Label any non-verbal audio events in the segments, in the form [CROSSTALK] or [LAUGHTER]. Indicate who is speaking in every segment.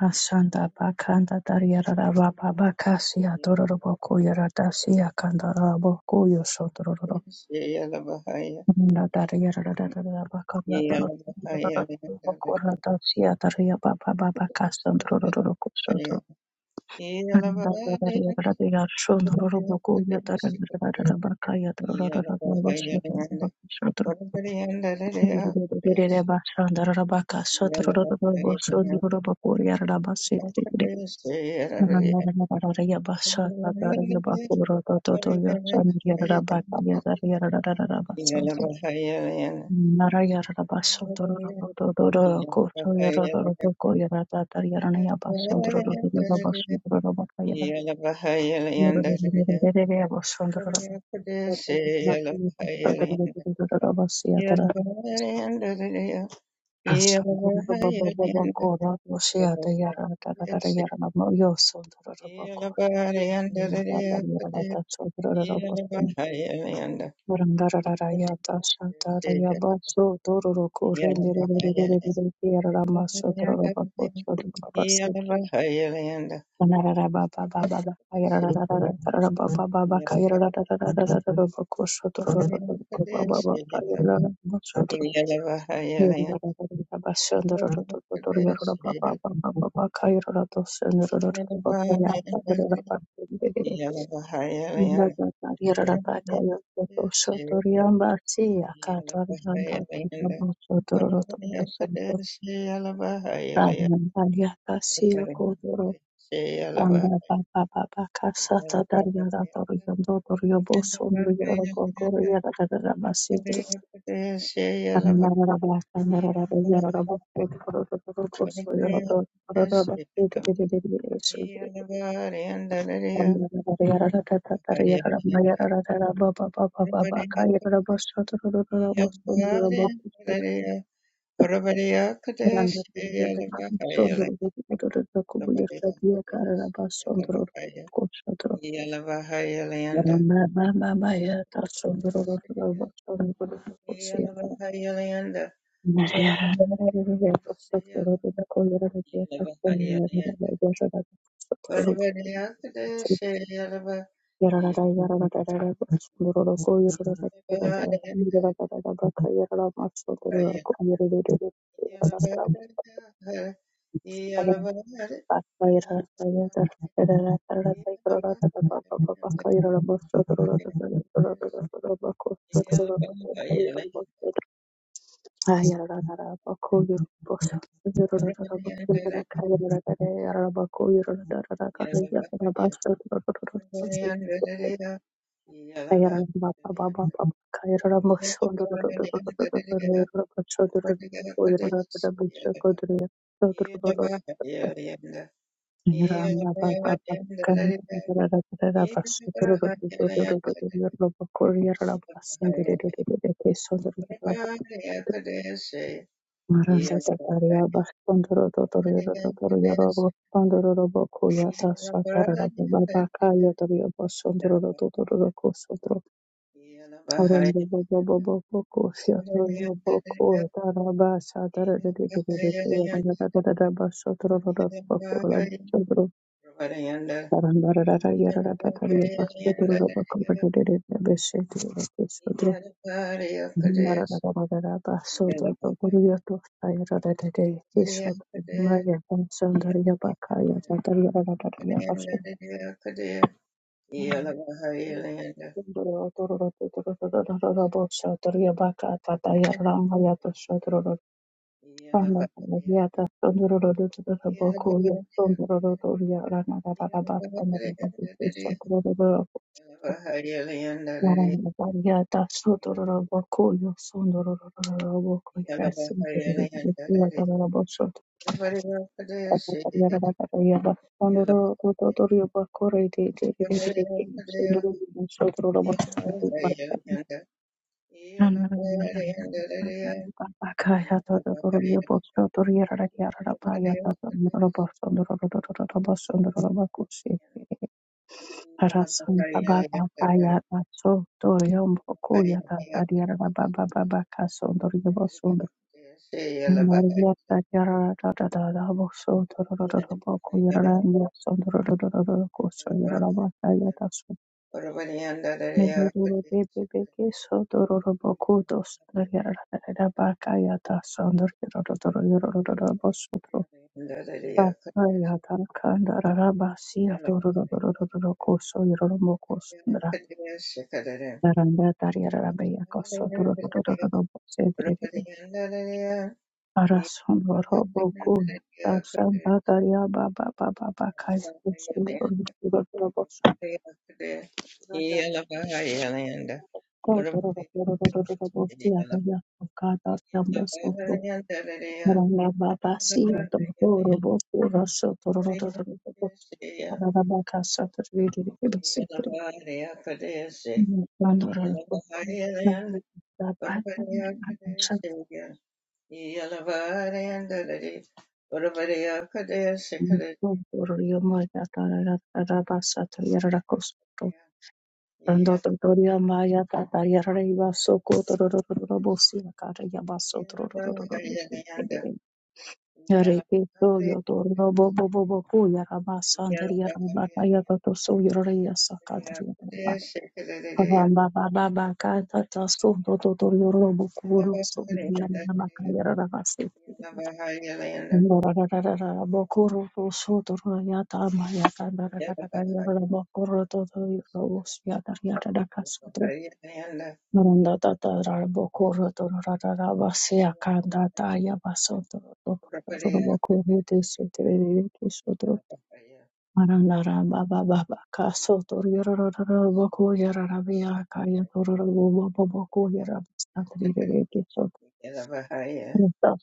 Speaker 1: Rasanda bakanda dariyara baba bakasi adororo boku yaradasi akandara boku yosodororo na dariyara dariyara bakanda dariyara boku yaradasi adariya baba baba kasandororo kusodoro na dariyara dariyara shondororo boku yadariyara bakaya dariyara boku sodoro Bashandara Rabaka Sotorobos Robokoria Rabasi Narayabaso Asalarababababakora Roshiada Yaradaradayarama Yosondarabakora Yadaradatsodarabasondo Murandararayata Shatarayabaso Dororokore Ndirererererereramasodarabakosodababase Anarababababa Ayarararararabababa Kayarararararabakosodabababa Yerabasi Yarara Ayarara Maranda tataria bashkondoro dotorio Totoro robo kondoro robo kuya tasha tarara baba kaya torio bashkondoro Totoro kosotro arondo bobo bobo boko sia torio boko taraba sha tarara de de de de kuya tarara tarara bashkondoro robo boko bashkondoro taranda yara tataria bashkondoro robo kondoro de de de beshe Thank Naravno, varijata sotoroboku yo sondororoboku yarasin deribidi yadarabosu yadarabosu sondoro totorio bakore de de de de de de sondororoboku sotoroboku bakaya totorio bosu yarara yarara baya totorio bosu sondororoboku Rasun Baba Baya Ratso Dorium Bokuya da Dadiara Baba Baba Kaso Doribosund Maria Dadiara Dada Boso Dorada Bokuyara and Sondorada Koso Yaraba Yatasu Neduru Baby Beke So Dororo Bokudos Dadiara Baka Yata Sondor Yorada Bosuto Yata Kandara Basia Dororo Koso Yoromokoso Baranda Tariara Rabaya Koso Duro Sedri Arason Voro Bokun Dasan Bataria Baba Baba Bakai Robos Kata Tamboso Maranga Baba Sia Tombo Robo Rosso Toro Rabaka Satur Vidi Sedri Mandora Bokun Torio Maya Tarara Rabasa Tayara Kosoto Rando Torio Maya Tatayara Baso Kotorobosia Kara Yabaso Tororosi Yareke Toyo Toro Bobo Bobo Kuya Rabasa and Yarabata Yakoto So Yoraya Sakatria Abamba Baba Kata Tasso Totorio Robo Kuro So Yamakayara Rabasi Marandara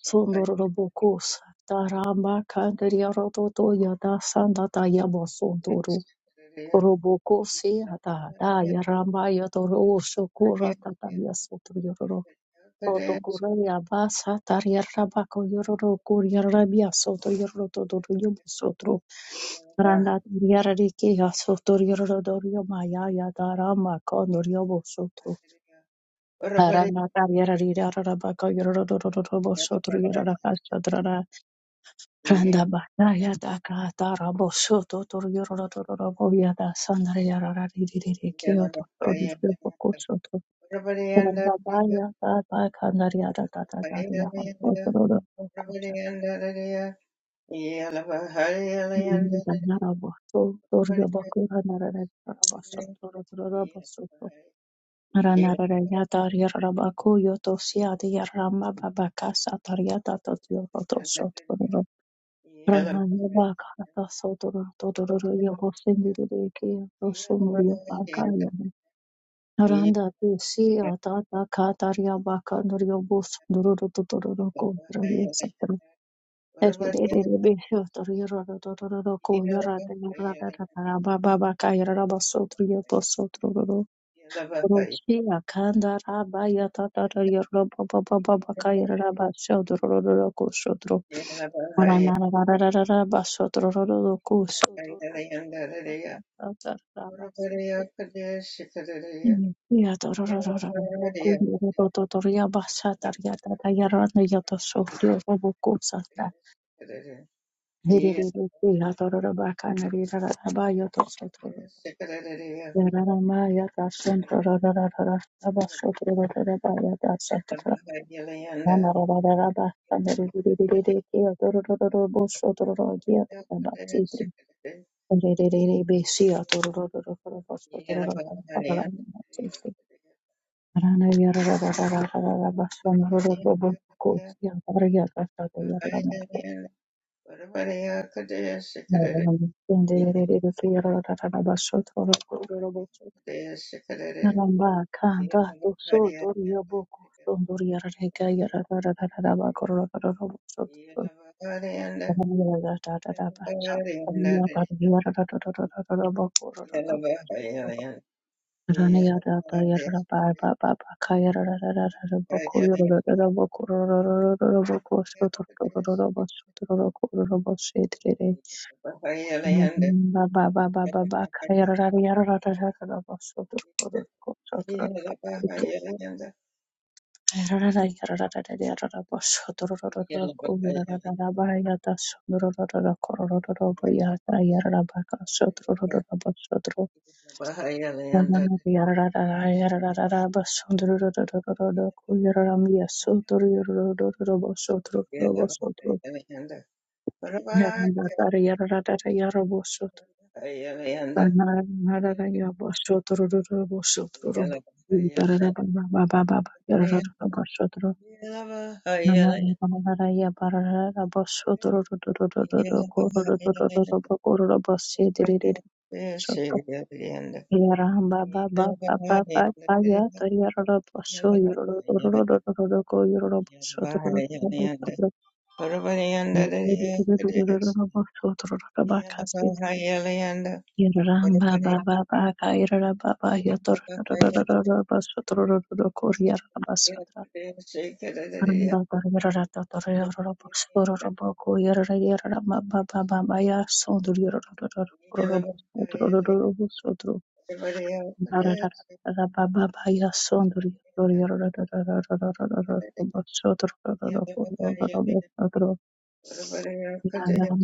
Speaker 1: Sundurubukusa Taramba Kandaria Rototo Yada Sanda Tayabo Sunduru Robokosi Ada Daya Ramba Yadoro Shokura Tataya Sotuyoro Rotokura Yabasa Taria Rabako Yororo Kuria Rabia Soto Yoroto Yobu Sotro Randa Yarariki Dorio Maya Yada Rama Rana Tariera Rira Rabaka Yorobo Sotriera Casadra Randa Bataya Daka Tarabo Soto Torriorabo Yada Sandaria Riri Kyoto Yopo Soto Randa Daya Tata Candaria Tata Daria Sotoro Kosa Yanda Narabo Torriobako Hanara Soto Ranararaya Dariyarabakuyo Dosiadi Yarambabakasa Tariata Totoro Sotoro Ranayabaka Sotoro Totoro Yogosindiriki Rosumurio Bakaya Randa Dusi Atata Kataria Baka Nuriobus Dururu Totoro Kodra Yasatra Eridebisho Toriro yarada yarada Rada Rababa Kaya Rabasotrio Tosotoro Rushia kanda raba ya tata ya roba baba baba kaya raba shodro ro ro ro ko shodro marana ra ra ra shodro ro ro ro ko shodro tata raba sete ya to ro ro ro bo ko ro to to to ya ba sa ya ta ya ra ya to so ro bo ko sa ta re re re ya to ro ba ka na ra ra ya to so ya ra ya ta shodro ro ro ro ro ra shodro ro ro ba ya ta Naramba Baba Yarara Yaramba Aranda Barrierato Torrerobo Yerra Baba Babaya Sodur Yerrobo Sodro Babaya Sondur Sodro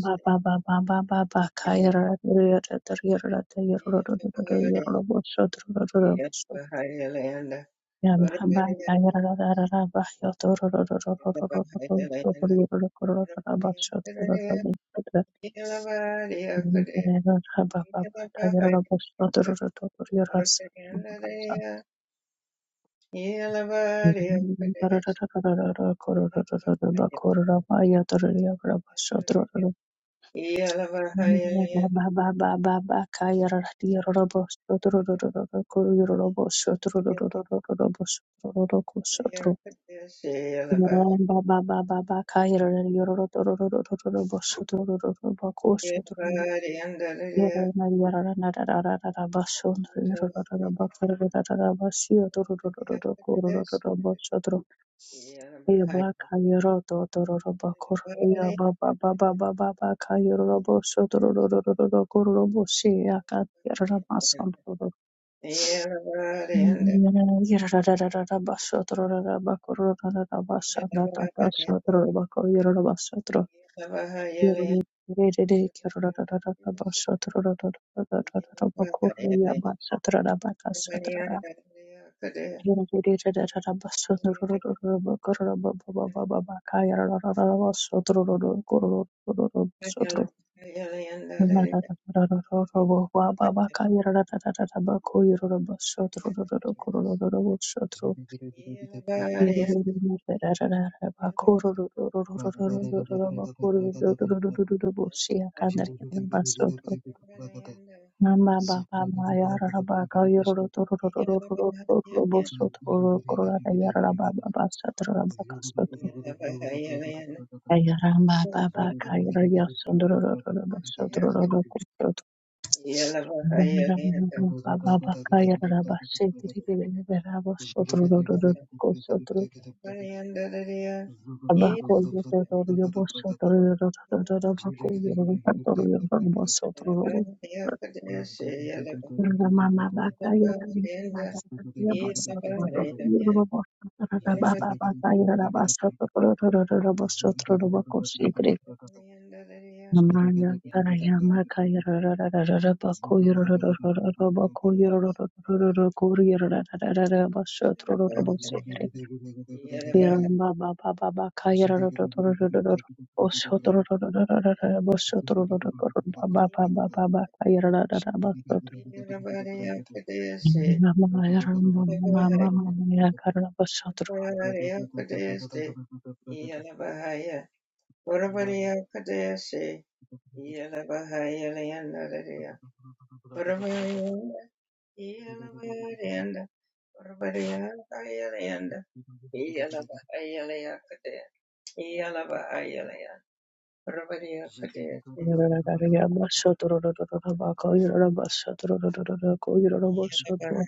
Speaker 1: Baba Baba Baba Kaira Yerra Yerra Yerrobo Sodro Yamba Yaramba baba baba kayra yororo tororo tororo bosso tororo bakosso tororo yarana yarana narara narara basso yororo tororo bakara narara basio tororo tororo kororo tororo bosso tororo yarba kayro to tororo bakor ba ba. baba baba kayro bosso tororo tororo kororo bossi akat yarana masan Shotro
Speaker 2: Zulu
Speaker 1: Baba Abakoye Dodoria Bosotoria Bakoye Dodoria Bosotoria
Speaker 2: Zhigga
Speaker 1: Mama Bakaya Bakaya Bosotoria Bosotoria Baba Bakaya Bosotoria Bosotoria Bakosi Gre Namaya Karaya Makaya Bakoye teroro teroro Bakoye Korea Bosotoria Bosotoria Yaramba ba ba ba ba ka Yarara do do do do do do. Osho do do do do do do do do. Osho do do do do do do. Ba ba ba ba ba ba ka yarara da da ba so do. Mama yaramba mama mama mama ya karara ba so do.
Speaker 2: Uzagada,
Speaker 1: Yarara da da ya ba so do do do do do do ba ka yarara ba so do do do do do ko yarara ba so do.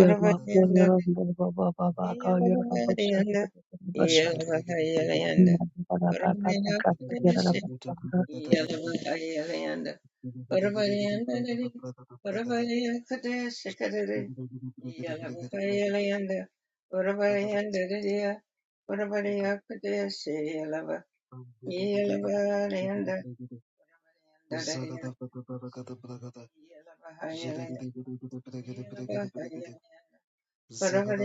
Speaker 1: Ya ma ko yaramba ba ba ba ba ka yarara ba so do do do do ba so do. Ma ba ba ba ba ka yarara ba so do.
Speaker 2: Zagada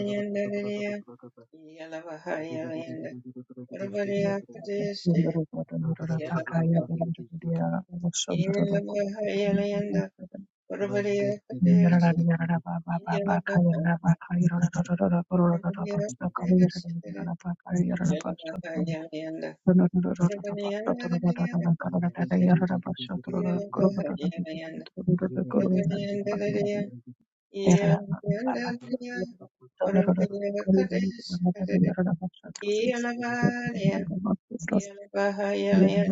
Speaker 1: Yarara Thank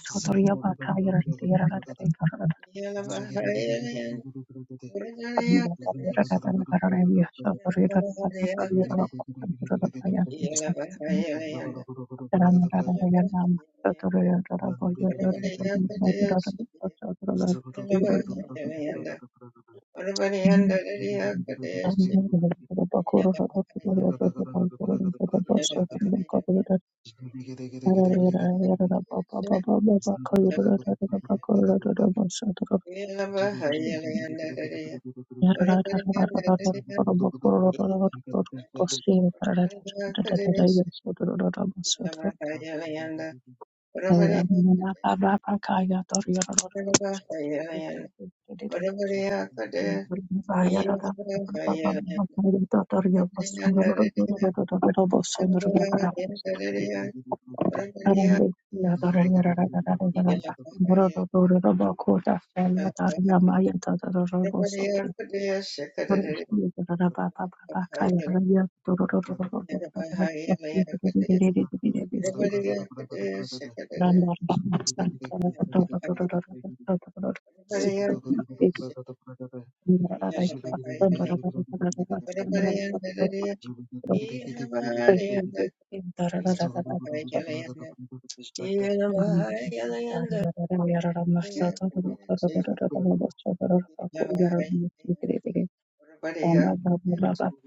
Speaker 2: Zulu
Speaker 1: you. Thank you. Yarara
Speaker 2: Zigga
Speaker 1: Thank you. Thank
Speaker 2: Thank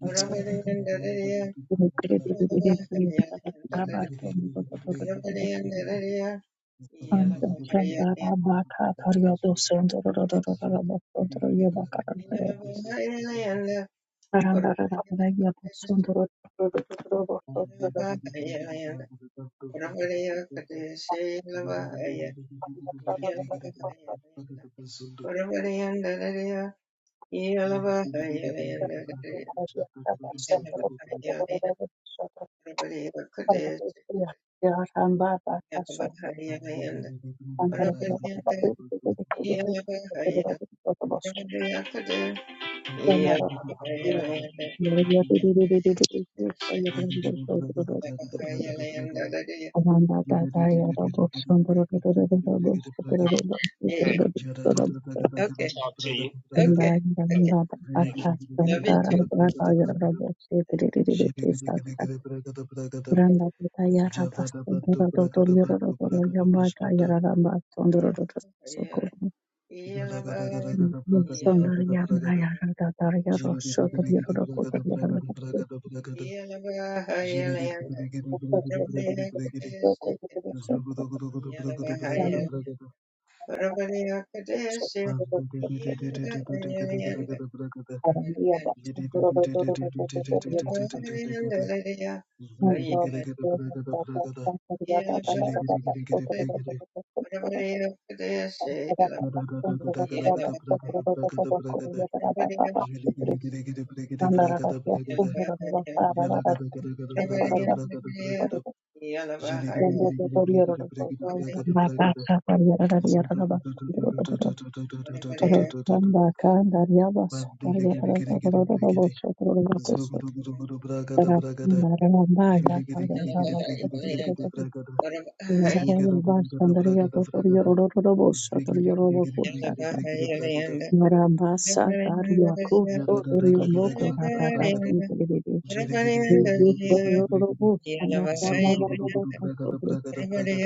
Speaker 2: you.
Speaker 1: you.
Speaker 2: Jada
Speaker 1: Granda tata yara bastondoro yamba yara bastondoro Thank you.
Speaker 2: Jele
Speaker 1: Thank
Speaker 2: Zugudu
Speaker 1: you.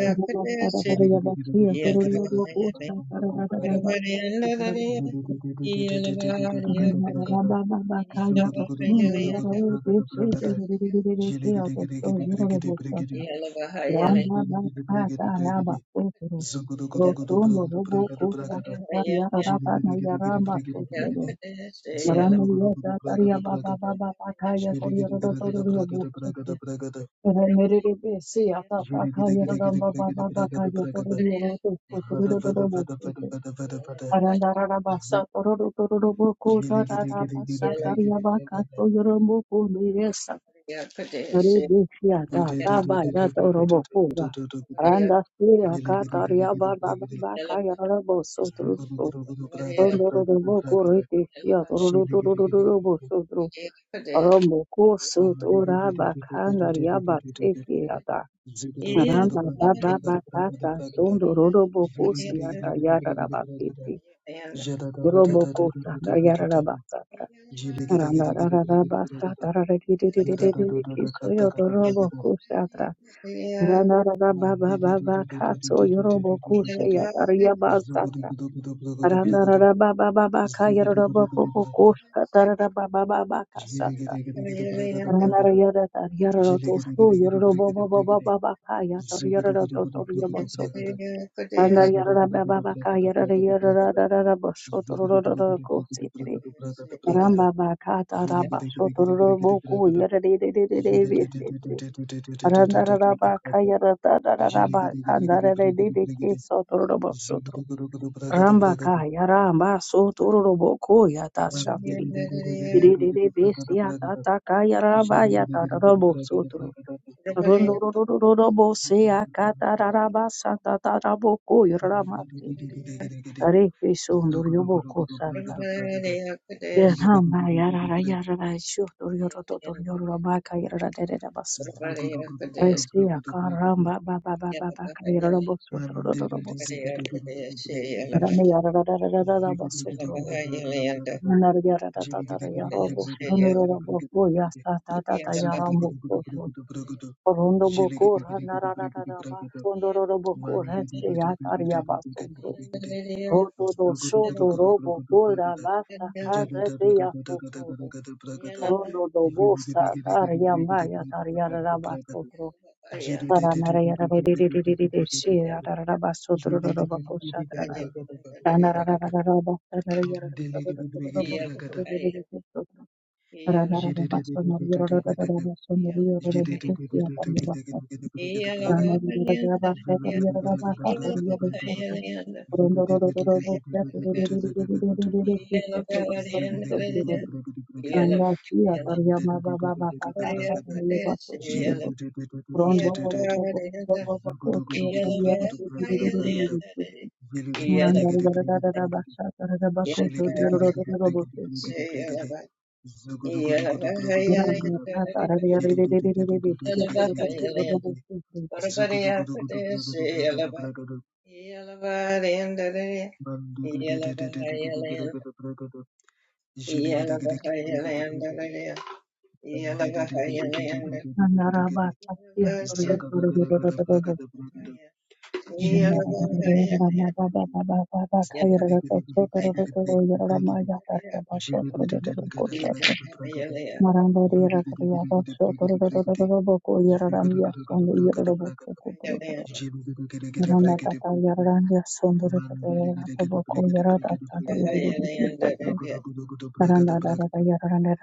Speaker 1: Rotondo
Speaker 2: Zugudu Yada
Speaker 1: Rambo ko sut ora bakanga riaba seke Ramba baba bakata sondo rorobo kosi yata yara raba fitri robo kosa da yara raba satra ramba rara raba satra rari riri riri riri kiso yo robo kosi atra rana rara baba baba kato yo robo kosi yata
Speaker 2: Zagada,
Speaker 1: yaba satra randa rara baba baba kaya robo kobo kosi yata rara baba baba kasatra randa yara yara roto so yo robo baba baba kaya yara roto to yo Anda yarara baba baka yarara yarara darara bashotororo kosetri. Ramba baka taraba shotororo boku yarara yarara besetri. Randa rara baka yarata darara baka darara dede ke sotororo boshotro. Ramba ka yaramba sotororo boku yata shantri. Dede besi yata taka
Speaker 2: Zugu
Speaker 1: yaraba yata rara bosotro. Rondo roro roro bose akata rara basa tata rabo ko yarama Hare Sundur Yoboko Satra. Yanama Yarara Yarara Shutur Yorototor Yorobaka Yarada Basatra. Resia Karamba Baba Baba Bakarabosutrodobositri. Rani Yarada Basutro. Nanar Yarada Tatar Yarobos Nuroboko Yastata Tata Yarambo Sotro. Rondo Bokura Narada Basundoroboko Resia Taria Basundro. robô
Speaker 2: Jada
Speaker 1: Rotodosotorobo Gorabasa Kadateya Sotoro Rondo Dobosa Daria Maya taria raba sotoro. Taranara yara vedi di di di di di si yara raba sotoro roba kosa tarara. Tanara rara Rabasotro Saranarea Shia Rabasotro Robacosha Rana Rabasotro Rana Rabasonorio Robocosia Rana Rabasa Rana Rabasa Rana Rabaka Randa
Speaker 2: Ziggy-diggy-diggy-diggy-diggy-diggy-diggy. Man-diggy-diggy-diggy-diggy-bragada. Jiggy-diggy-diggy-diggy-diggy-diggy. Zugu-dugu-dugu-dugu-dugu-bragada-bragada. Zilly-diggy-diggy-diggy-diggy-diggy. Jilly-diggy-diggy-diggy-diggy-diggy-diggy. Zugu-dugu-dugu-dugu-bragada-bragada. Jilly-diggy-diggy-diggy-diggy-diggy-diggy. Zugu-dugu-dugu-dugu-bragada-bragada-bragada. Man-diggy-diggy-diggy-diggy-diggy-diggy-bragada. Jilly-diggy-diggy-diggy-diggy-diggy. Mandele Zugudu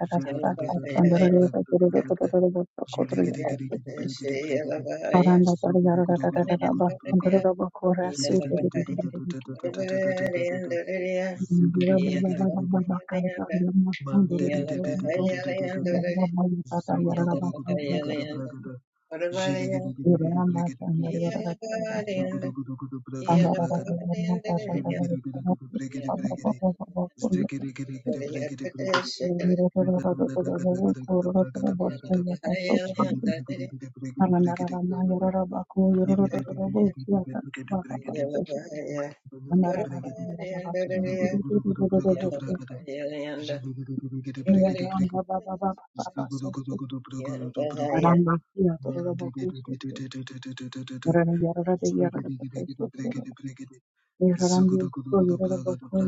Speaker 1: Aranda para yarara bak kondoro bak orası dedi dedi dedi Thank you.
Speaker 2: Zugudu Bragada Bragada, Jilly Brigade Brigade,
Speaker 1: Ramba Baba Baba Baba Sotro Ramba Kia Toro Sotro Rana Yarada Yarada Sotro Yarandi So Yarada Boku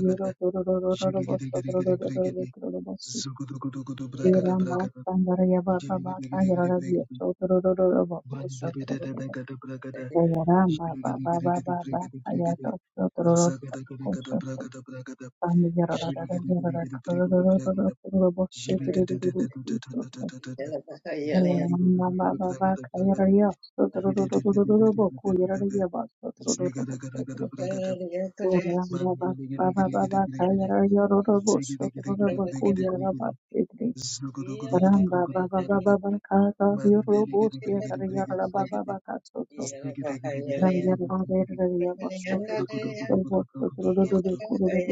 Speaker 1: Ramba Sandara Baba Yarada Sotro Sotro
Speaker 2: Mandate Bragada Ziggy,
Speaker 1: Ramba Baba Baba Baba Yato Sotro Sotro Ramba Yarada Yarada Roro Bosu Yaramba baba baba baka yarara yarara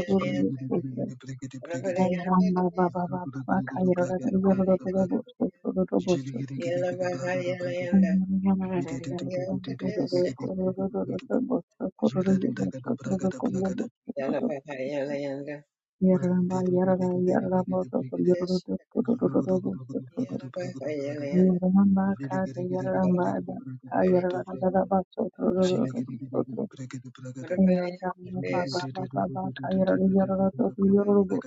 Speaker 2: Jilly
Speaker 1: bosu Yaramba, yarada, yaramba, sokor, yarudu, kurududu, yaramba, kada, yaramba, yarada, da, ba, sokor, sokor, yarada, ba, yarada, yarada, sokor, yarudu,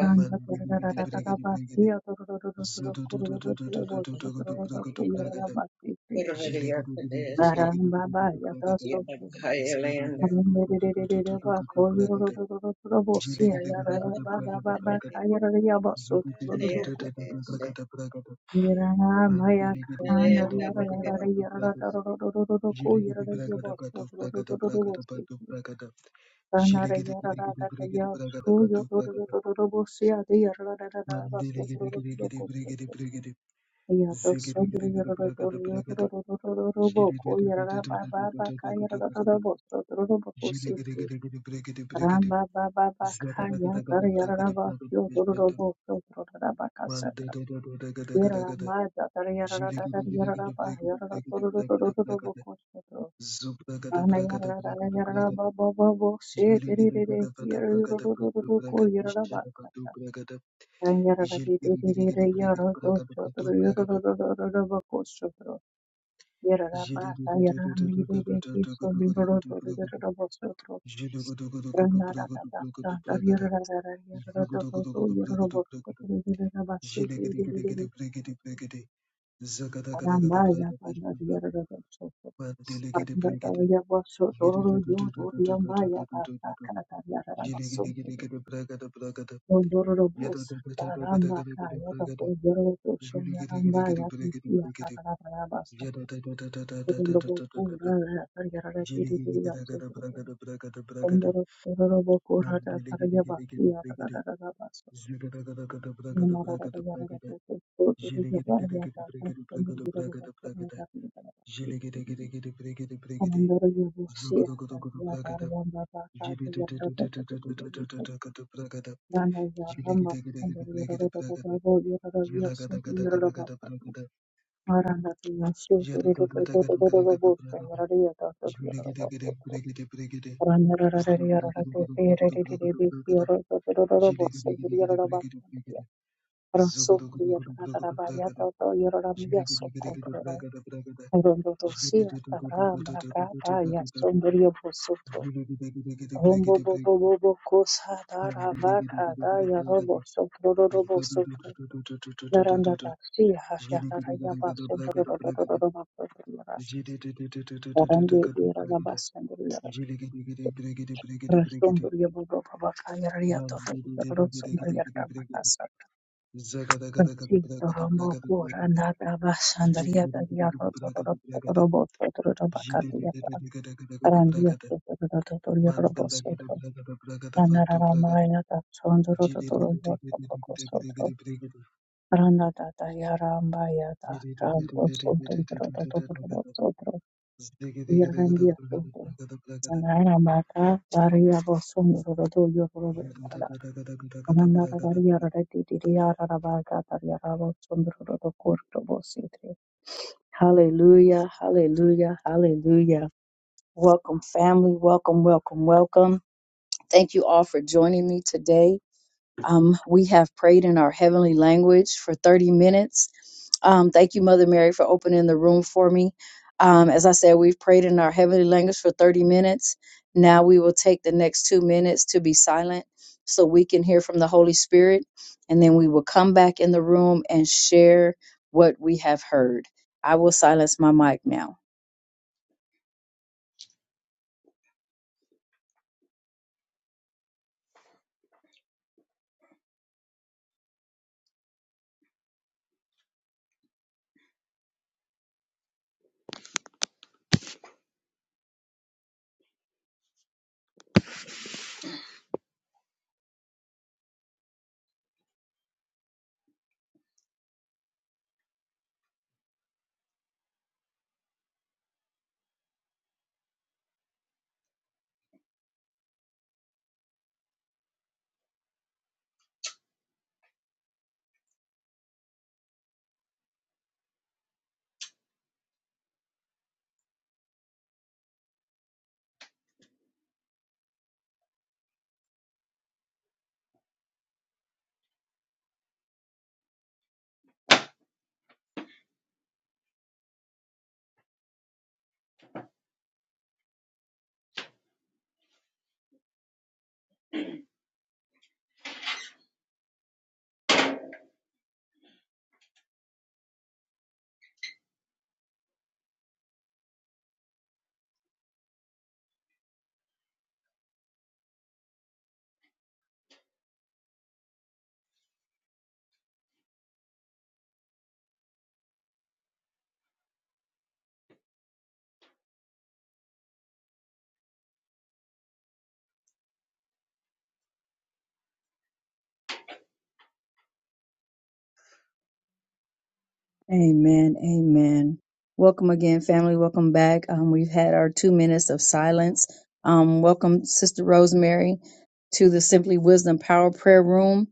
Speaker 1: Ranga
Speaker 2: Mandiligidi
Speaker 1: tararararara
Speaker 2: brigidi brigidi
Speaker 1: basiya torororororo kororororo bosko torororo kuyarara
Speaker 2: Zududududududududududududubragada
Speaker 1: basite.
Speaker 2: Jiligidi brigidi brigidi
Speaker 1: Naramba baya
Speaker 2: bragada
Speaker 1: taso torororo. Naremberererere bako
Speaker 2: Zududududududududududubragada
Speaker 1: yorororororo bosiya.
Speaker 2: Jiligidi bragada
Speaker 1: Naramba
Speaker 2: bragada
Speaker 1: baba baka
Speaker 2: bragada
Speaker 1: yararaya baso torororo kusite.
Speaker 2: Zududududududududubragada bragada
Speaker 1: Yarara maya
Speaker 2: Mandiligidi
Speaker 1: kana
Speaker 2: bragada bragada
Speaker 1: yarararara
Speaker 2: bragada
Speaker 1: yarara
Speaker 2: bragada
Speaker 1: torororororo
Speaker 2: Jiligidi
Speaker 1: kuyararaya
Speaker 2: bragada
Speaker 1: baso
Speaker 2: bragada bragada
Speaker 1: torororororo
Speaker 2: bragada
Speaker 1: bosite.
Speaker 2: bragada
Speaker 1: Anara
Speaker 2: Jiligidi
Speaker 1: yara ra
Speaker 2: brigidi
Speaker 1: ra ra
Speaker 2: brigidi
Speaker 1: ya
Speaker 2: bragada
Speaker 1: su yo ro ro ro
Speaker 2: bragada
Speaker 1: ro ro ro bo si ya de yara ra ra ra ra ba su ro
Speaker 2: Mandiligidi
Speaker 1: ro ro ro
Speaker 2: brigidi
Speaker 1: ko ko
Speaker 2: brigidi
Speaker 1: ko
Speaker 2: brigidi Ziggy
Speaker 1: ya to so de ya ro ro ro ro ro ro ro ro ro ro bo ko ya ra ra ba ba ba ka ya ra ra ra ra bo so ro ro bo ko si ti ram ba ba ba ba ka ya tar ya ra ba si yo ro ro ro bo so ro ra ra ba ka sa ra ya ra ma da tar ya ra ra ra ra ya ba ya ra ra ro ro ro ro ro ro bo ko so Yarara Arambaya
Speaker 2: Jilly
Speaker 1: kandi ari yarararatso Thank
Speaker 2: Zugada
Speaker 1: you. Andoro Yorosia, Yadarama Baka, Yarada, Rana Yarama, and the Yororo, Yororo Yosu, Yoroma, Marana Yosu, Yororo, Yaradia, Yororo, Rana Yarada, Yororo, Yororo, Rasu, Yarada,
Speaker 2: Zagada
Speaker 1: Yororo, Yasu, Rondo Rosia, Tarama, Kata, Yasun, Yosu, Rombo bobo bobo kosa dara baka da yarobo sotroro robo sotro yaranda taksi hafya dara yaba sotroro robo robo sotro yara yarande yara yaba sotroro yara rasondoro yaba bobo baka yara yato yara sondoro yara mata satra taksi rombo kura nada basandar yada yaro robo robo sotro robo kati yara yarande yara sotroro robo
Speaker 2: Mandalagada
Speaker 1: sotro
Speaker 2: Bragada Bragada Vantu Bragada
Speaker 1: Ranaramaya da
Speaker 2: Gidi
Speaker 1: sondurururu yorga bako sodro. Rana da da yarambaya da rambo sondurururu sodro. Yerrendiya sodro. Ranaramata variya bo sondurururu yorga yarada. Anandara variya rada didiri yarara baga dar yarabo sondurururu kurto bo sidri. Hallelujah, hallelujah, hallelujah. Welcome family, welcome, welcome, welcome. Thank you all for joining me today. Um, we have prayed in our heavenly language for 30 minutes. Um, thank you, Mother Mary, for opening the room for me. Um, as I said, we've prayed in our heavenly language for 30 minutes. Now we will take the next two minutes to be silent so we can hear from the Holy Spirit. And then we will come back in the room and share what we have heard. I will silence my mic now. Amen. Amen. Welcome again, family. Welcome back. Um, we've had our two minutes of silence. Um, welcome, Sister Rosemary, to the Simply Wisdom Power Prayer Room.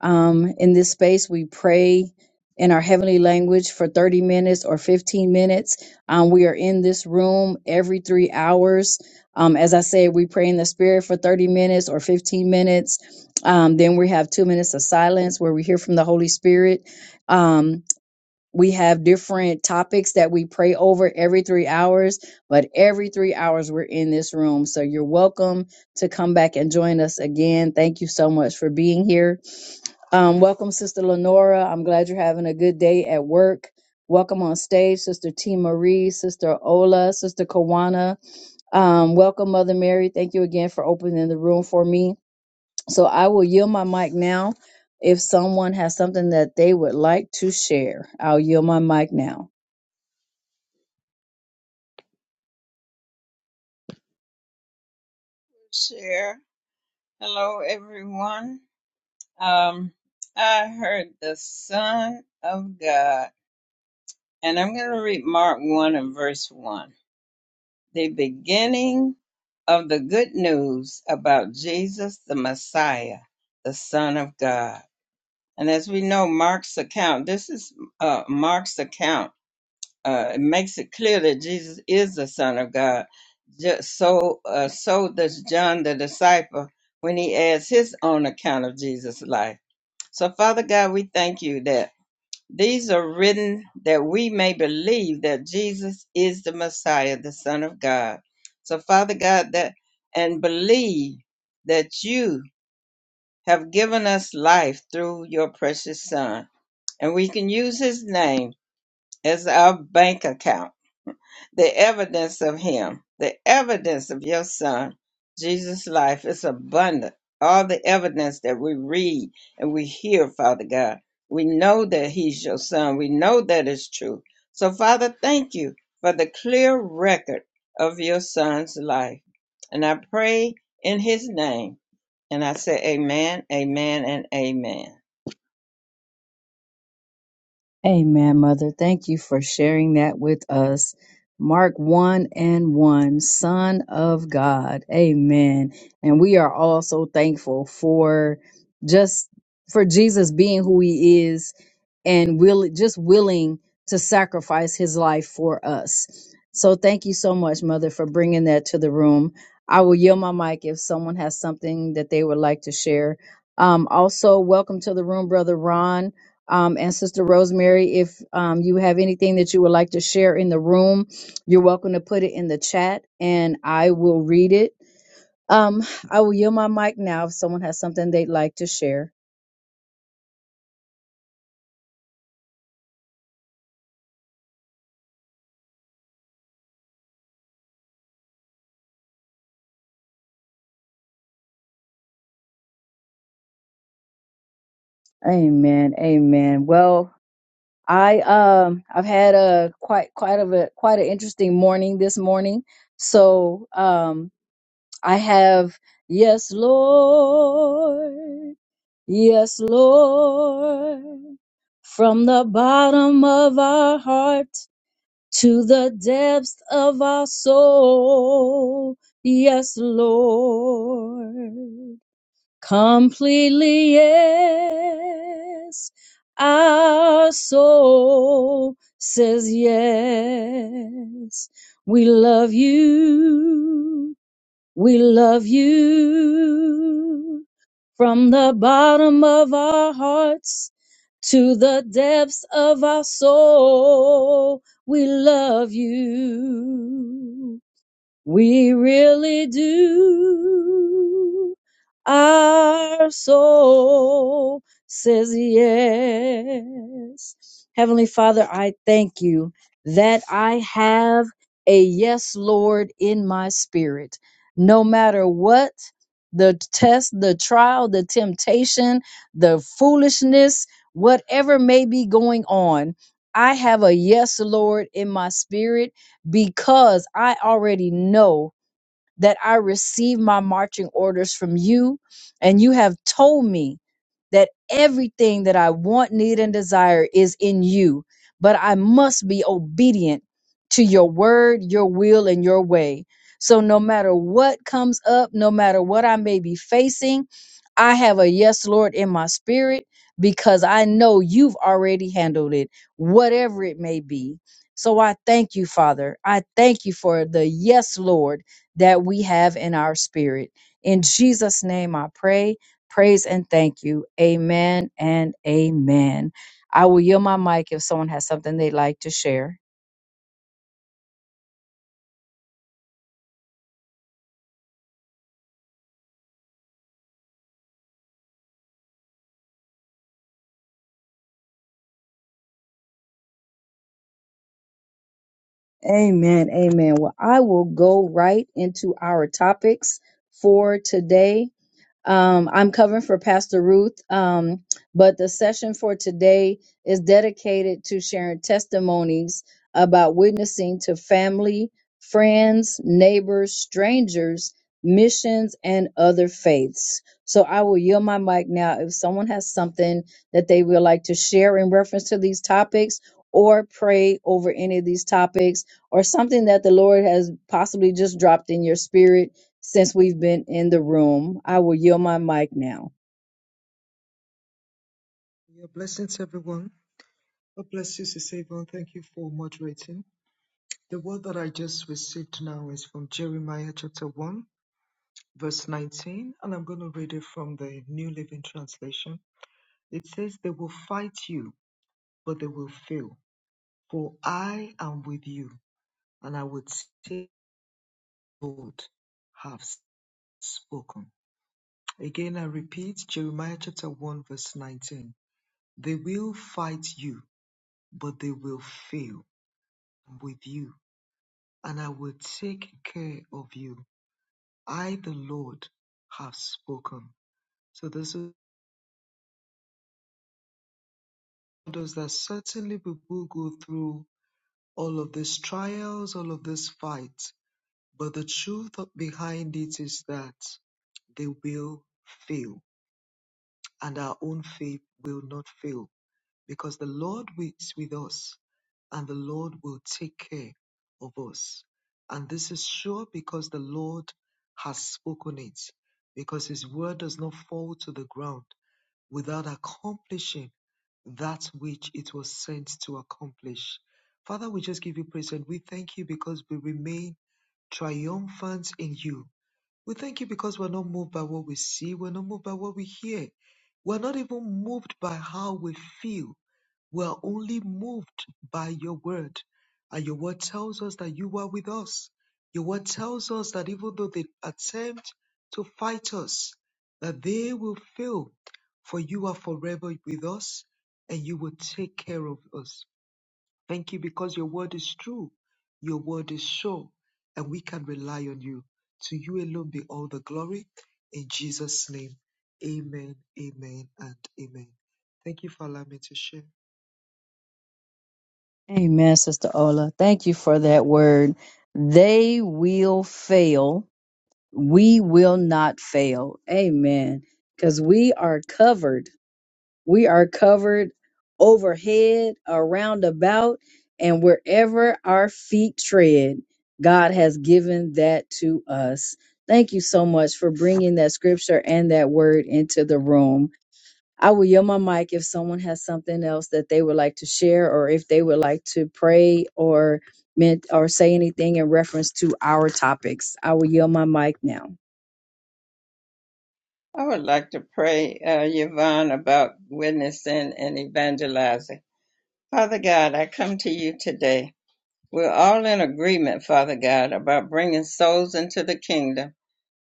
Speaker 1: Um, in this space, we pray in our heavenly language for 30 minutes or 15 minutes. Um, we are in this room every three hours. Um, as I said, we pray in the spirit for 30 minutes or 15 minutes. Um, then we have two minutes of silence where we hear from the Holy Spirit. Um, we have different topics that we pray over every three hours, but every three hours we're in this room. So you're welcome to come back and join us again. Thank you so much for being here. Um, welcome, Sister Lenora. I'm glad you're having a good day at work. Welcome on stage, Sister T. Marie, Sister Ola, Sister Kawana. Um, welcome, Mother Mary. Thank you again for opening the room for me. So I will yield my mic now. If someone has something that they would like to share, I'll yield my mic now.
Speaker 3: share. Hello, everyone. Um, I heard the Son of God, and I'm going to read Mark 1 and verse 1. The beginning of the good news about Jesus the Messiah, the Son of God. And as we know, Mark's account, this is uh, Mark's account. Uh, it makes it clear that Jesus is the Son of God. Just so, uh, so does John the disciple when he adds his own account of Jesus.
Speaker 1: Amen, Mother. Thank you for sharing that with us. Mark 1 and 1, Son of God. Amen. And we are all so thankful for just for Jesus being who he is and will just willing to sacrifice his life for us. So thank you so much, Mother, for bringing that to the room. I will yield my mic if someone has something that they would like to share. Um, also, welcome to the room, Brother Ron. Um, and Sister Rosemary, if um, you have anything that you would like to share in the room, you're welcome to put it in the chat and I will read it. Um, I will yield my mic now if someone has something they'd like to share. Amen. Amen. Well, I um I've had a quite quite of a quite an interesting morning this morning. So um I have yes, Lord. Yes, Lord, from the bottom of our heart to the depths of our soul. Yes, Lord, completely, yes. Our soul says yes. We love you. We love you from the bottom of our hearts to the depths of our soul. We love you. We really do. Our soul says yes. Heavenly Father, I thank you that I have a yes, Lord, in my spirit. No matter what the test, the trial, the temptation, the foolishness, whatever may be going on, I have a yes, Lord, in my spirit because I already know that I receive my marching orders from you, and you have told me that everything that I want, need, and desire is in you, but I must be obedient to your word, your will, and your way. So, no matter what comes up, no matter what I may be facing, I have a yes, Lord, in my spirit because I know you've already handled it, whatever it may be. So I thank you, Father. I thank you for the yes, Lord that we have in our spirit. In Jesus' name I pray, praise, and thank you. Amen and amen. I will yield my mic if someone has something they'd like to share. Amen. Amen. Well, I will go right into our topics for today. Um, I'm covering for Pastor Ruth, um, but the session for today is dedicated to sharing testimonies about witnessing to family, friends, neighbors, strangers, missions, and other faiths. So I will yield my mic now. If someone has something that they would like to share in reference to these topics, or pray over any of these topics, or something that the Lord has possibly just dropped in your spirit since we've been in the room. I will yield my mic now.
Speaker 2: Your blessings, everyone. God bless you, Sisavon. Thank you for moderating. The word that I just received now is from Jeremiah chapter 1, verse 19, and I'm going to read it from the New Living Translation. It says, They will fight you, but they will fail. For I am with you, and I would say, Lord, have spoken. Again, I repeat Jeremiah chapter 1, verse 19. They will fight you, but they will fail with you, and I will take care of you. I, the Lord, have spoken. So this is us that certainly we will go through all of these trials, all of these fights? But the truth behind it is that they will fail, and our own faith will not fail, because the Lord is with us, and the Lord will take care of us. And this is sure because the Lord has spoken it, because his word does not fall to the ground without accomplishing that which it was sent to accomplish. Father, we just give you praise and we thank you because we remain triumphant in you we thank you because we're not moved by what we see, we're not moved by what we hear, we're not even moved by how we feel. We're only moved by your word. And your word tells us that you are with us. Your word tells us that even though they attempt to fight us, that they will fail, for you are forever with us and you will take care of us. Thank you because your word is true, your word is sure, and we can rely on you. To you alone be all the glory. In Jesus' name, amen, amen, and amen. Thank you for allowing me to share.
Speaker 1: Amen, Sister Ola. Thank you for that word. They will fail. We will not fail. Amen. Because we are covered. We are covered overhead, around about, and wherever our feet tread, God has given that to us. Thank you so much for bringing that scripture and that word into the room. I will yield my mic if someone has something else that they would like to share, or if they would like to pray or meant or say anything in reference to our topics. I will yield my mic now.
Speaker 3: I would like to pray, uh, Yvonne, about witnessing and evangelizing. Father God, I come to you today. We're all in agreement, Father God, about bringing souls into the kingdom.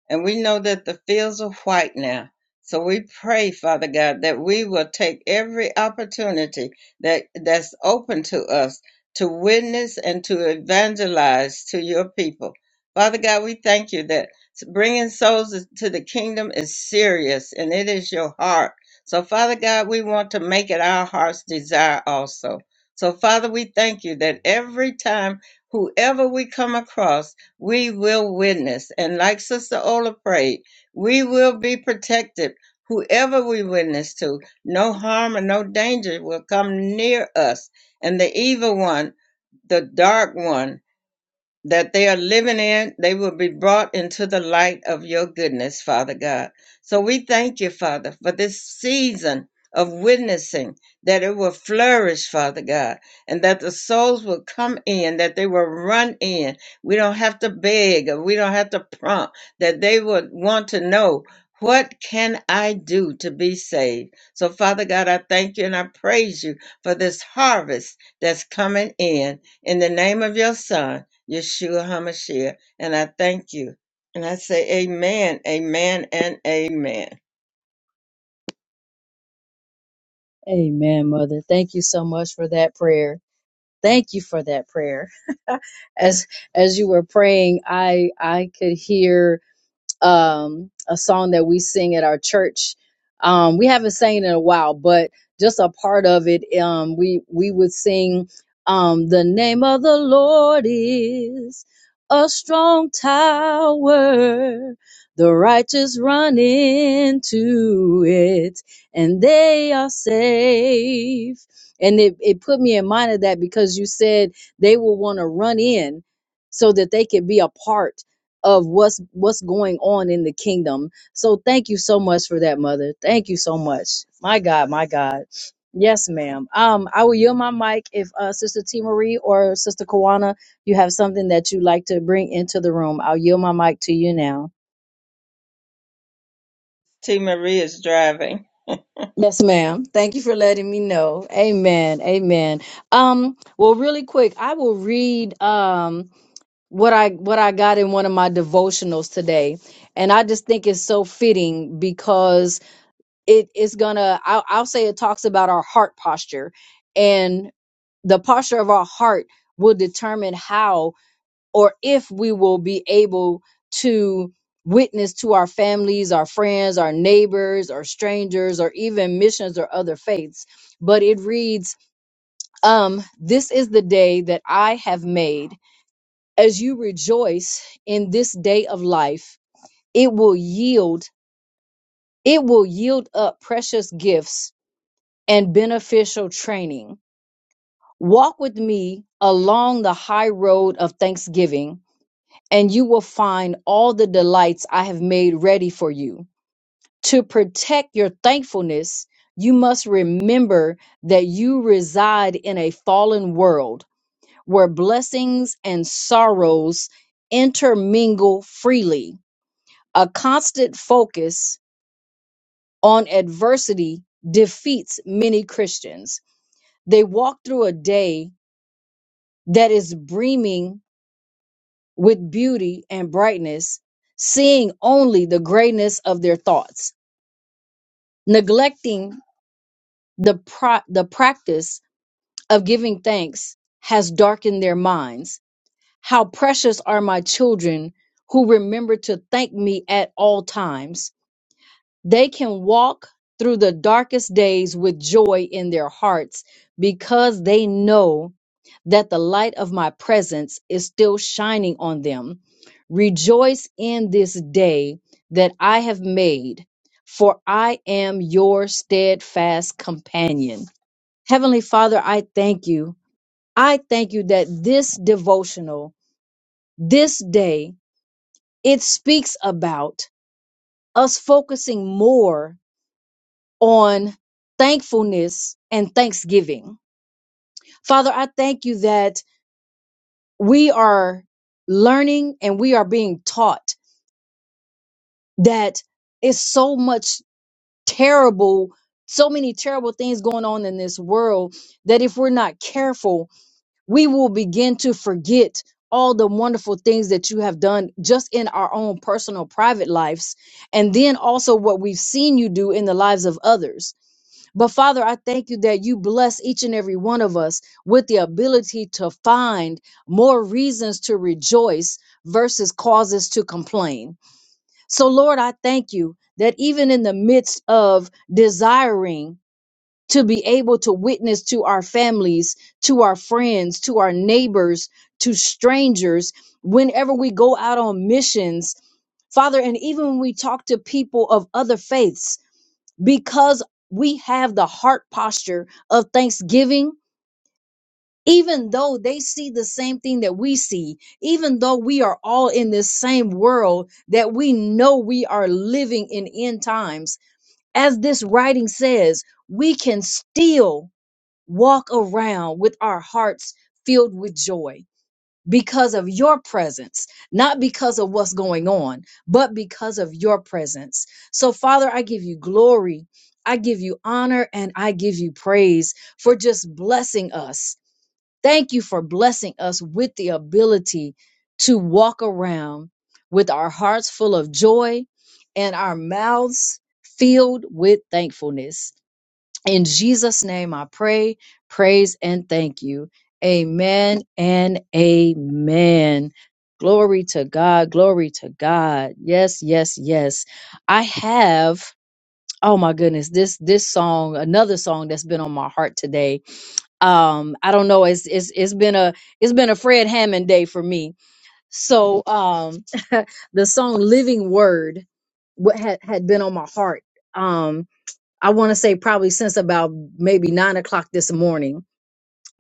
Speaker 3: And we know that the fields are white now. So we pray, Father God, that we will take every opportunity that, that's open to us to witness and to evangelize to your people. Father God, we thank you that bringing souls to the kingdom is serious and it is your heart. So, Father God, we want to make it our heart's desire also. So, Father, we thank you that every time, whoever we come across, we will witness. And like Sister Ola prayed, we will be protected. Whoever we witness to, no harm and no danger will come near us. And the evil one, the dark one that they are living in, they will be brought into the light of your goodness, Father God. So we thank you, Father, for this season of witnessing that it will flourish, Father God, and that the souls will come in, that they will run.
Speaker 1: Amen, Mother. Thank you so much for that prayer. Thank you for that prayer. [LAUGHS] as as you were praying, I I could hear. um, a song that we sing at our church. Um, we haven't sang it in a while, but just a part of it, um, we we would sing, um, "The name of the Lord is a strong tower; the righteous run into it, and they are safe." And it, it put me in mind of that because you said they will want to run in so that they could be a part of what's what's going on in the kingdom. So thank you so much for that, mother. Thank you so much. My God, my God. Yes, ma'am. Um, I will yield my mic if uh, Sister T Marie or Sister Kawana, you have something that you like to bring into the room. I'll yield my mic to you now.
Speaker 3: T. Marie is driving
Speaker 1: Yes, ma'am. Thank you for letting me know. Amen. Amen. Um, well, really quick, I will read um what I what I got in one of my devotionals today. And I just think it's so fitting because it is gonna I'll, I'll say it talks about our heart posture and the posture of our heart will determine how or if we will be able to witness to our families our friends our neighbors or strangers or even missions or other faiths but it reads um this is the day that i have made as you rejoice in this day of life it will yield it will yield up precious gifts and beneficial training. Walk with me along the high road of thanksgiving, and you will find all the delights I have made ready for you. To protect your thankfulness, you must remember that you reside in a fallen world where blessings and sorrows intermingle freely. A constant focus on adversity defeats many Christians. They walk through a day that is brimming with beauty and brightness, seeing only the greatness of their thoughts. Neglecting the, pro- the practice of giving thanks has darkened their minds. How precious are my children who remember to thank me at all times They can walk through the darkest days with joy in their hearts because they know that the light of my presence is still shining on them. Rejoice in this day that I have made, for I am your steadfast companion. Heavenly Father, I thank you. I thank you that this devotional, this day, it speaks about us focusing more on thankfulness and thanksgiving. Father, I thank you that we are learning and we are being taught that it's so much terrible, so many terrible things going on in this world that if we're not careful, we will begin to forget all the wonderful things that you have done just in our own personal private lives and then also what we've seen you do in the lives of others But Father, I thank you that you bless each and every one of us with the ability to find more reasons to rejoice versus causes to complain. So, Lord, I thank you that even in the midst of desiring to be able to witness to our families, to our friends, to our neighbors, to strangers, whenever we go out on missions, Father, and even when we talk to people of other faiths, because we have the heart posture of thanksgiving, even though they see the same thing that we see, even though we are all in this same world that we know we are living in end times, as this writing says, we can still walk around with our hearts filled with joy because of your presence, not because of what's going on, but because of your presence. So, Father, I give you glory, I give you honor, and I give you praise for just blessing us. Thank you for blessing us with the ability to walk around with our hearts full of joy and our mouths filled with thankfulness. In Jesus' name I pray, praise, and thank you. Amen and amen. Glory to God. Glory to God. Yes, yes, yes. I have, oh my goodness, this this song, another song that's been on my heart today. Um, I don't know, it's it's it's been a it's been a Fred Hammond day for me. So um [LAUGHS] the song Living Word what had, had been on my heart. Um I want to say probably since about maybe nine o'clock this morning.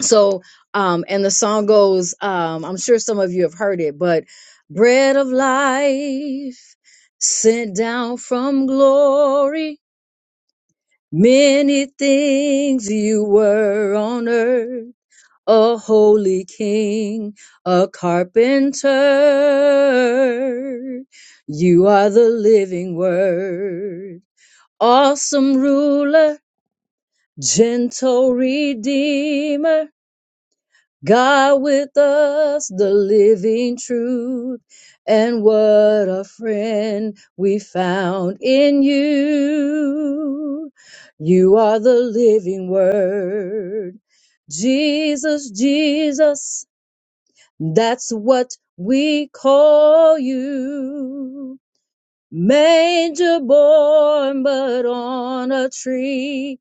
Speaker 1: So, um, and the song goes, um, I'm sure some of you have heard it, but bread of life sent down from glory. Many things you were on earth, a holy king, a carpenter. You are the living word, awesome ruler Gentle Redeemer, God with us, the living truth. And what a friend we found in you. You are the living word. Jesus, Jesus, that's what we call you manger born, but on a tree.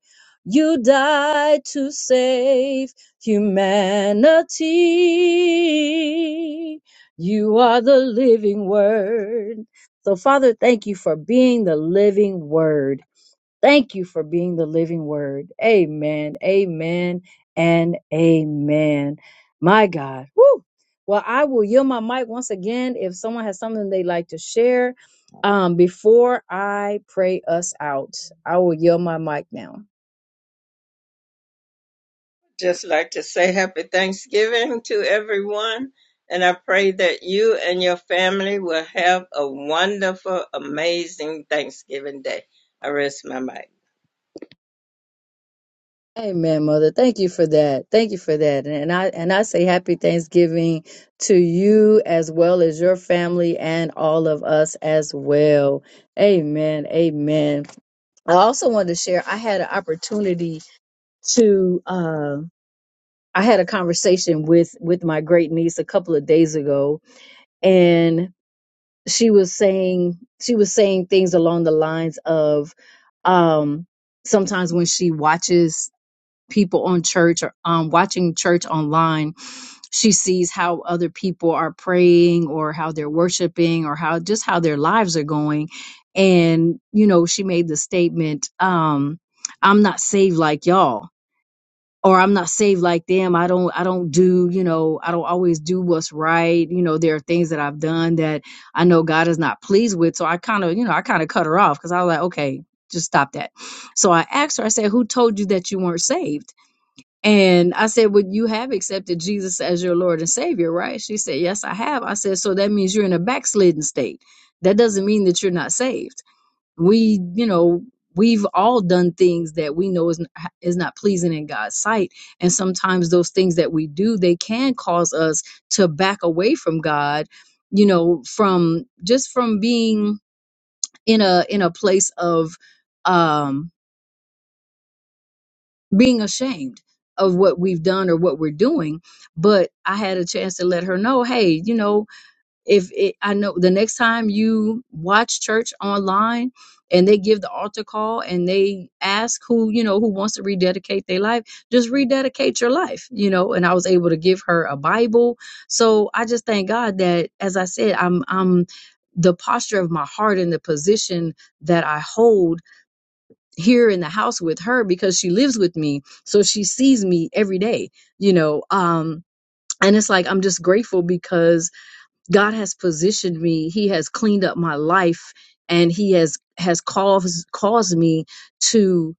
Speaker 1: You died to save humanity. You are the living word. So, Father, thank you for being the living word. Thank you for being the living word. Amen. Amen. And amen. My God. Woo. Well, I will yield my mic once again if someone has something they'd like to share. Um, before I pray us out, I will yield my mic now.
Speaker 3: just like to say happy Thanksgiving to everyone. And I pray that you and your family will have a wonderful um, day. I remember.
Speaker 1: Amen, mother. Thank you for that. Thank you for that. And and I and I say happy Thanksgiving to you as well as your family and all of us as well. Amen. Amen. I also wanted to share. I had an opportunity to. Uh, I had a conversation with with my great niece a couple of days ago, and she was saying she was saying things along the lines of um, sometimes when she watches people on church or um, watching church online she sees how other people are praying or how they're worshiping or how just how their lives are going and you know she made the statement um i'm not saved like y'all or i'm not saved like them i don't i don't do you know i don't always do what's right you know there are things that i've done that i know god is not pleased with so i kind of you know i kind of cut her off because i was like okay just stop that so i asked her i said who told you that you weren't saved and I said, Well, you have accepted Jesus as your Lord and Savior, right? She said, Yes, I have. I said, So that means you're in a backslidden state. That doesn't mean that you're not saved. We, you know, we've all done things that we know is, is not pleasing in God's sight. And sometimes those things that we do, they can cause us to back away from God, you know, from just from being in a in a place of um being ashamed of what we've done or what we're doing but i had a chance to let her know hey you know if it, i know the next time you watch church online and they give the altar call and they ask who you know who wants to rededicate their life just rededicate your life you know and i was able to give her a bible so i just thank god that as i said i'm i'm the posture of my heart and the position that i hold here in the house with her because she lives with me so she sees me every day you know um and it's like i'm just grateful because God has positioned me. He has cleaned up my life and he has has caused caused me to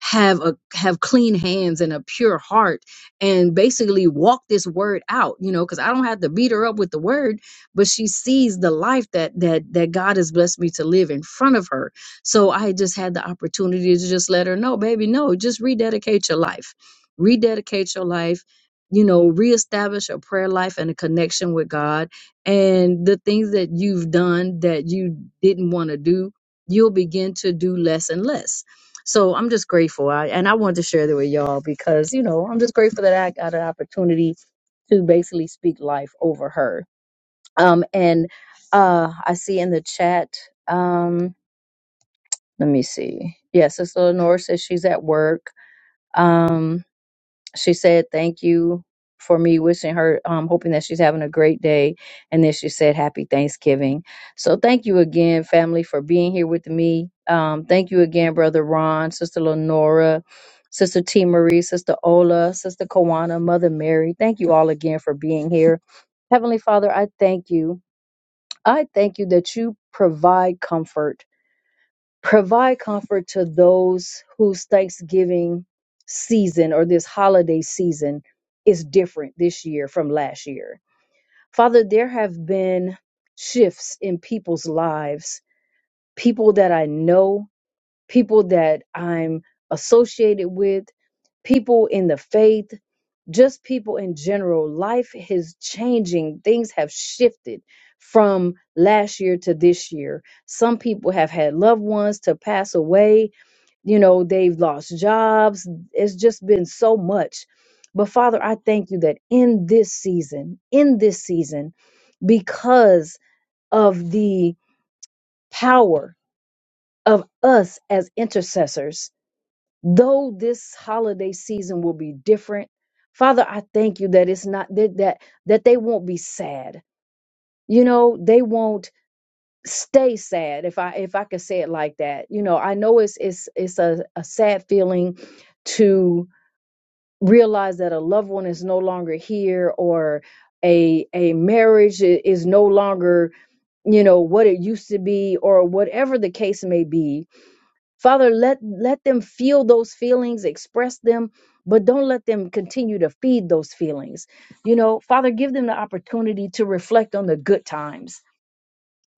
Speaker 1: have a have clean hands and a pure heart and basically walk this word out you know because i don't have to beat her up with the word but she sees the life that that that god has blessed me to live in front of her so i just had the opportunity to just let her know baby no just rededicate your life rededicate your life you know reestablish a prayer life and a connection with god and the things that you've done that you didn't want to do, you'll begin to do less and less. So I'm just grateful. I, and I wanted to share that with y'all because, you know, I'm just grateful that I got an opportunity to basically speak life over her. Um, and uh, I see in the chat, um, let me see. Yes, yeah, Sister Lenore says she's at work. Um, she said thank you for me wishing her um hoping that she's having a great day and then she said happy thanksgiving so thank you again family for being here with me um thank you again brother ron sister lenora sister t marie sister ola sister kawana mother mary thank you all again for being here heavenly father i thank you i thank you that you provide comfort Provide comfort to those whose Thanksgiving season or this holiday season is different this year from last year. Father, there have been shifts in people's lives, people that I know, people that I'm associated with, people in the faith, just people in general. Life is changing, things have shifted from last year to this year. Some people have had loved ones to pass away you know they've lost jobs it's just been so much but father i thank you that in this season in this season because of the power of us as intercessors though this holiday season will be different father i thank you that it's not that that, that they won't be sad you know they won't stay sad if i if i could say it like that you know i know it's it's it's a, a sad feeling to realize that a loved one is no longer here or a a marriage i- is no longer you know what it used to be or whatever the case may be father let let them feel those feelings express them but don't let them continue to feed those feelings you know father give them the opportunity to reflect on the good times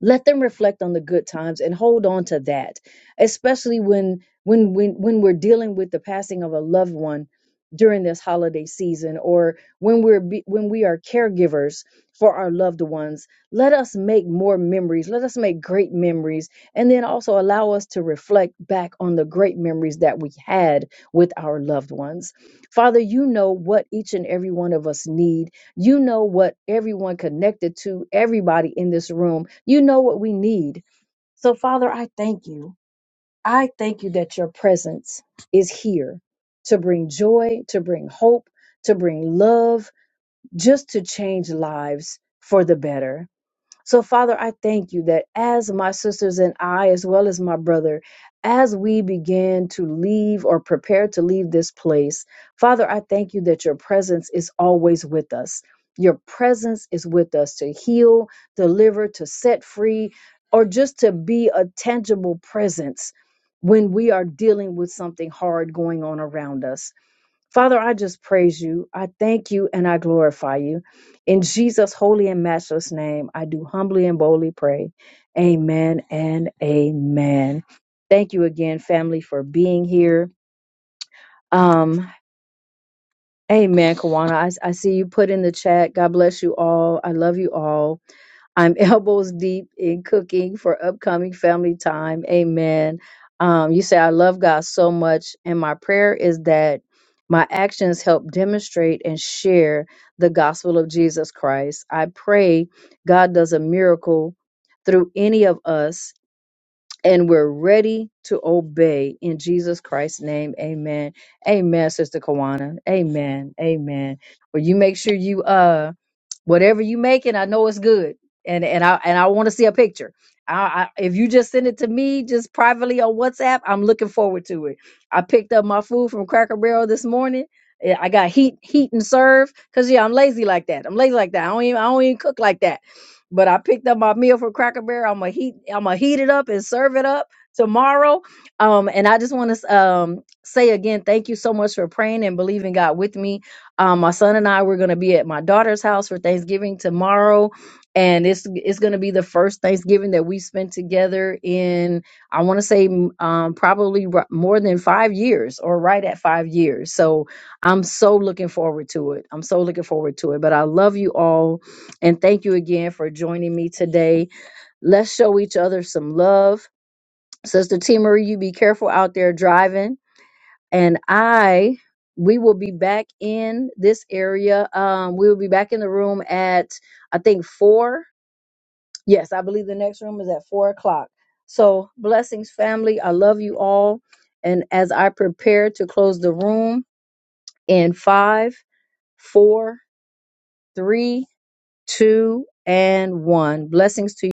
Speaker 1: let them reflect on the good times and hold on to that especially when when when when we're dealing with the passing of a loved one during this holiday season or when we're be, when we are caregivers for our loved ones let us make more memories let us make great memories and then also allow us to reflect back on the great memories that we had with our loved ones father you know what each and every one of us need you know what everyone connected to, everybody in this room, you know what we need. So, Father, I thank you. I thank you that your presence is here to bring joy, to bring hope, to bring love, just to change lives for the better. So, Father, I thank you that as my sisters and I, as well as my brother, as we begin to leave or prepare to leave this place, Father, I thank you that your presence is always with us. Your presence is with us to heal, deliver, to set free, or just to be a tangible presence when we are dealing with something hard going on around us. Father, I just praise you. I thank you and I glorify you. In Jesus' holy and matchless name, I do humbly and boldly pray. Amen and amen. Thank you again, family, for being here. Um, amen, Kawana. I, I see you put in the chat. God bless you all. I love you all I'm [LAUGHS] elbows deep in cooking for upcoming family time. Amen. Um, you say, I love God so much. And my prayer is that my actions help demonstrate and share the gospel of Jesus Christ. I pray God does a miracle through any of us and we're ready to obey in Jesus Christ's name. Amen. Amen, Sister Kawana. Amen. Amen. Well, you make sure you uh whatever you making, I know it's good. And and I and I want to see a picture. I, I if you just send it to me just privately on WhatsApp, I'm looking forward to it. I picked up my food from Cracker Barrel this morning. Yeah, I got heat heat and serve because yeah, I'm lazy like that. I'm lazy like that. I don't even I don't even cook like that. But I picked up my meal from Cracker Barrel. I'm gonna heat. I'm gonna heat it up and serve it up tomorrow. Um, and I just want to um say again, thank you so much for praying and believing God with me. Um, my son and I we're gonna be at my daughter's house for Thanksgiving tomorrow, and it's it's gonna be the first Thanksgiving that we spent together in I want to say m- um probably r- more than five years or right at five years. So I'm so looking forward to it. I'm so looking forward to it. But I love you all and thank you again for joining me today. Let's show each other some love. Sister T Marie, you be careful out there driving. And I, we will be back in this area. Um, we will be back in the room at, I think, four. Yes, I believe the next room is at four o'clock. So, blessings, family. I love you all. And as I prepare to close the room in five, four, three, two, and one, blessings to you.